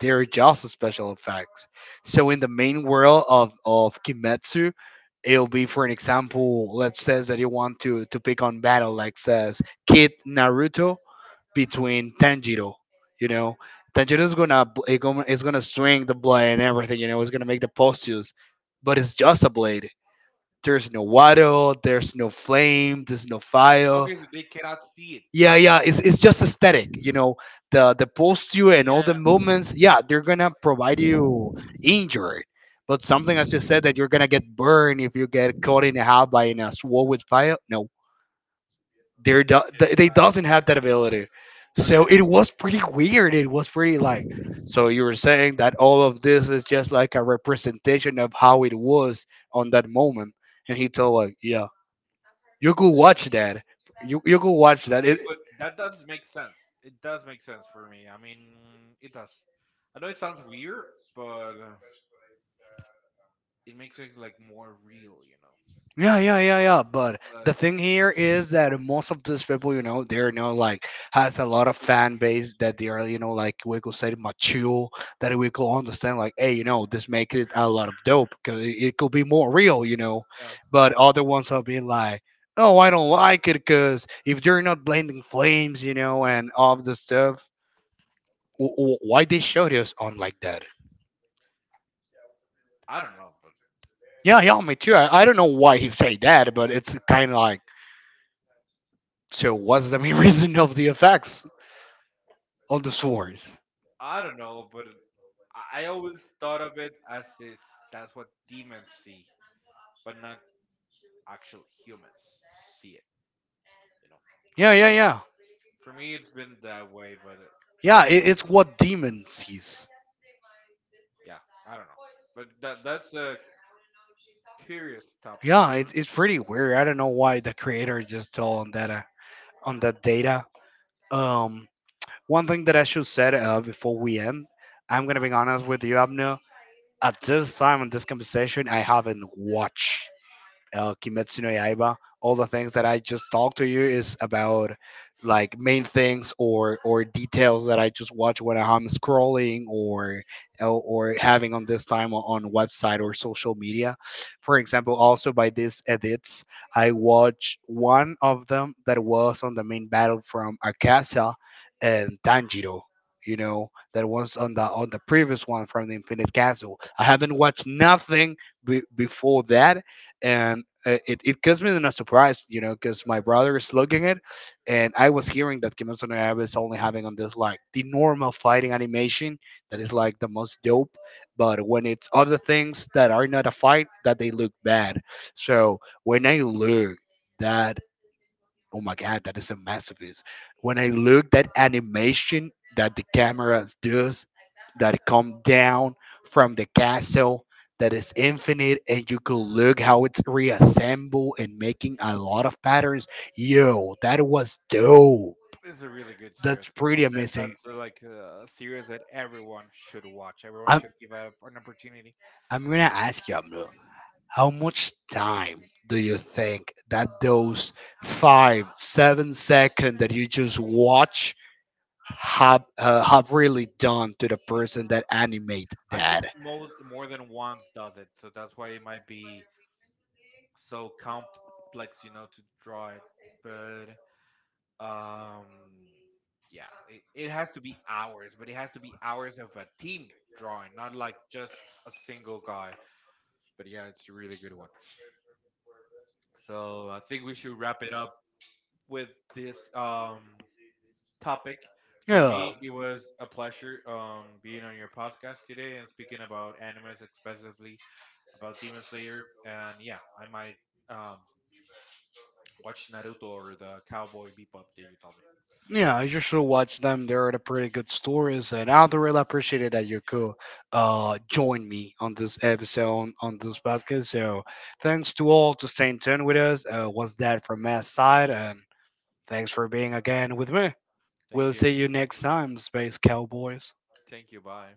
S1: There are just special effects. So in the main world of Kimetsu, it'll be for an example, let's says that you want to pick on battle, like says Kid Naruto between Tanjiro. You know, Tanjiro's gonna bl- it gonna it's gonna swing the blade and everything. You know, it's gonna make the postures, but it's just a blade. There's no waddle. There's no flame. There's no fire.
S2: okay. So they cannot see it.
S1: Yeah, yeah. It's just aesthetic. You know, the posture and all the
S2: Yeah.
S1: movements. Yeah, they're gonna provide you injury. But something as you said that you're gonna get burned if you get caught in a half by in a sword with fire. No, they doesn't have that ability. So
S2: Okay.
S1: it was pretty weird. It was pretty like. So you were saying that all of this is just like a representation of how it was on that moment, and he told like, yeah, you could watch that. You could watch that.
S2: Okay,
S1: It,
S2: but that does make sense. It does make sense for me. I mean, it does. I know it sounds weird, but it makes it like more real, you know.
S1: yeah, yeah, yeah, yeah. But the
S2: Like,
S1: thing here is that most of these people, you know, they're, you know, like, has a lot of fan base that they are, you know, like we could say mature, that we could understand, like, hey, you know, this makes it a lot of dope because it could be more real, you know.
S2: yeah,
S1: But other ones are being like, oh, I don't like it because if you're not blending flames, you know, and all the stuff, why they show this on like that?
S2: I don't know, but
S1: Yeah, yeah, me too. I don't know why he say that, but it's kind of like, so what's the main reason of the effects on the sword?
S2: I don't know, but it- I always thought of it as it's that's what demons see, but not actual humans see it. You know, for
S1: Yeah, yeah,
S2: me,
S1: yeah.
S2: for me, it's been that way. But it,
S1: Yeah, it's what demon sees.
S2: yeah, I don't know. But that's a curious topic.
S1: Yeah,
S2: You-
S1: it's pretty weird. I don't know why the creator just told
S2: Uh,
S1: on that data. Um, One thing that I should say, before we end, I'm gonna be honest with you, Abner. At this time in this conversation, I haven't watched Kimetsu no Yaiba. All the things that I just talked to you is about like main things or details that I just watch when I'm scrolling or having on this time on website or social media. For example, also by these edits, I watched one of them that was on the main battle from Akasa and Tanjiro, you know, that was on the previous one from the Infinite Castle. I haven't watched nothing before that, and it it comes me in a surprise, you know, because my brother is looking at, and I was hearing that Kimetsu no Yaiba is only having on this like the normal fighting animation that is like the most dope, but when it's other things that are not a fight, that they look bad. So when I look that, oh my god, that is a masterpiece. When I look that animation that the cameras does, that come down from the castle, that is infinite, and you could look how it's reassembled and making a lot of patterns. Yo, that was dope.
S2: it's a really good series.
S1: That's
S2: As I
S1: pretty
S2: said,
S1: amazing.
S2: that's like a series that everyone should watch. Everyone
S1: I'm
S2: should give out an opportunity.
S1: I'm gonna ask you, Abdul, how much time do you think that those five, 7 second that you just watch have really done to the person that animate
S2: I think
S1: that.
S2: most more than once does it, so that's why it might be so complex, you know, to draw it. But Um, yeah, it has to be hours, but it has to be hours of a team drawing, not like just a single guy. But yeah, it's a really good one. So I think we should wrap it up with this topic. For
S1: Yeah,
S2: me, it was a pleasure being on your podcast today and speaking about animes, especially about Demon Slayer. And yeah, I might um watch Naruto or the Cowboy Bebop that you told me.
S1: yeah. I usually watch them. They're the pretty good stories, and I really appreciate it that you could join me on this episode on this podcast. So thanks to all to staying tuned with us. Was that from my side? And thanks for being again with me.
S2: Thank
S1: We'll
S2: you.
S1: see you next time, Space Cowboys.
S2: Thank you. Bye.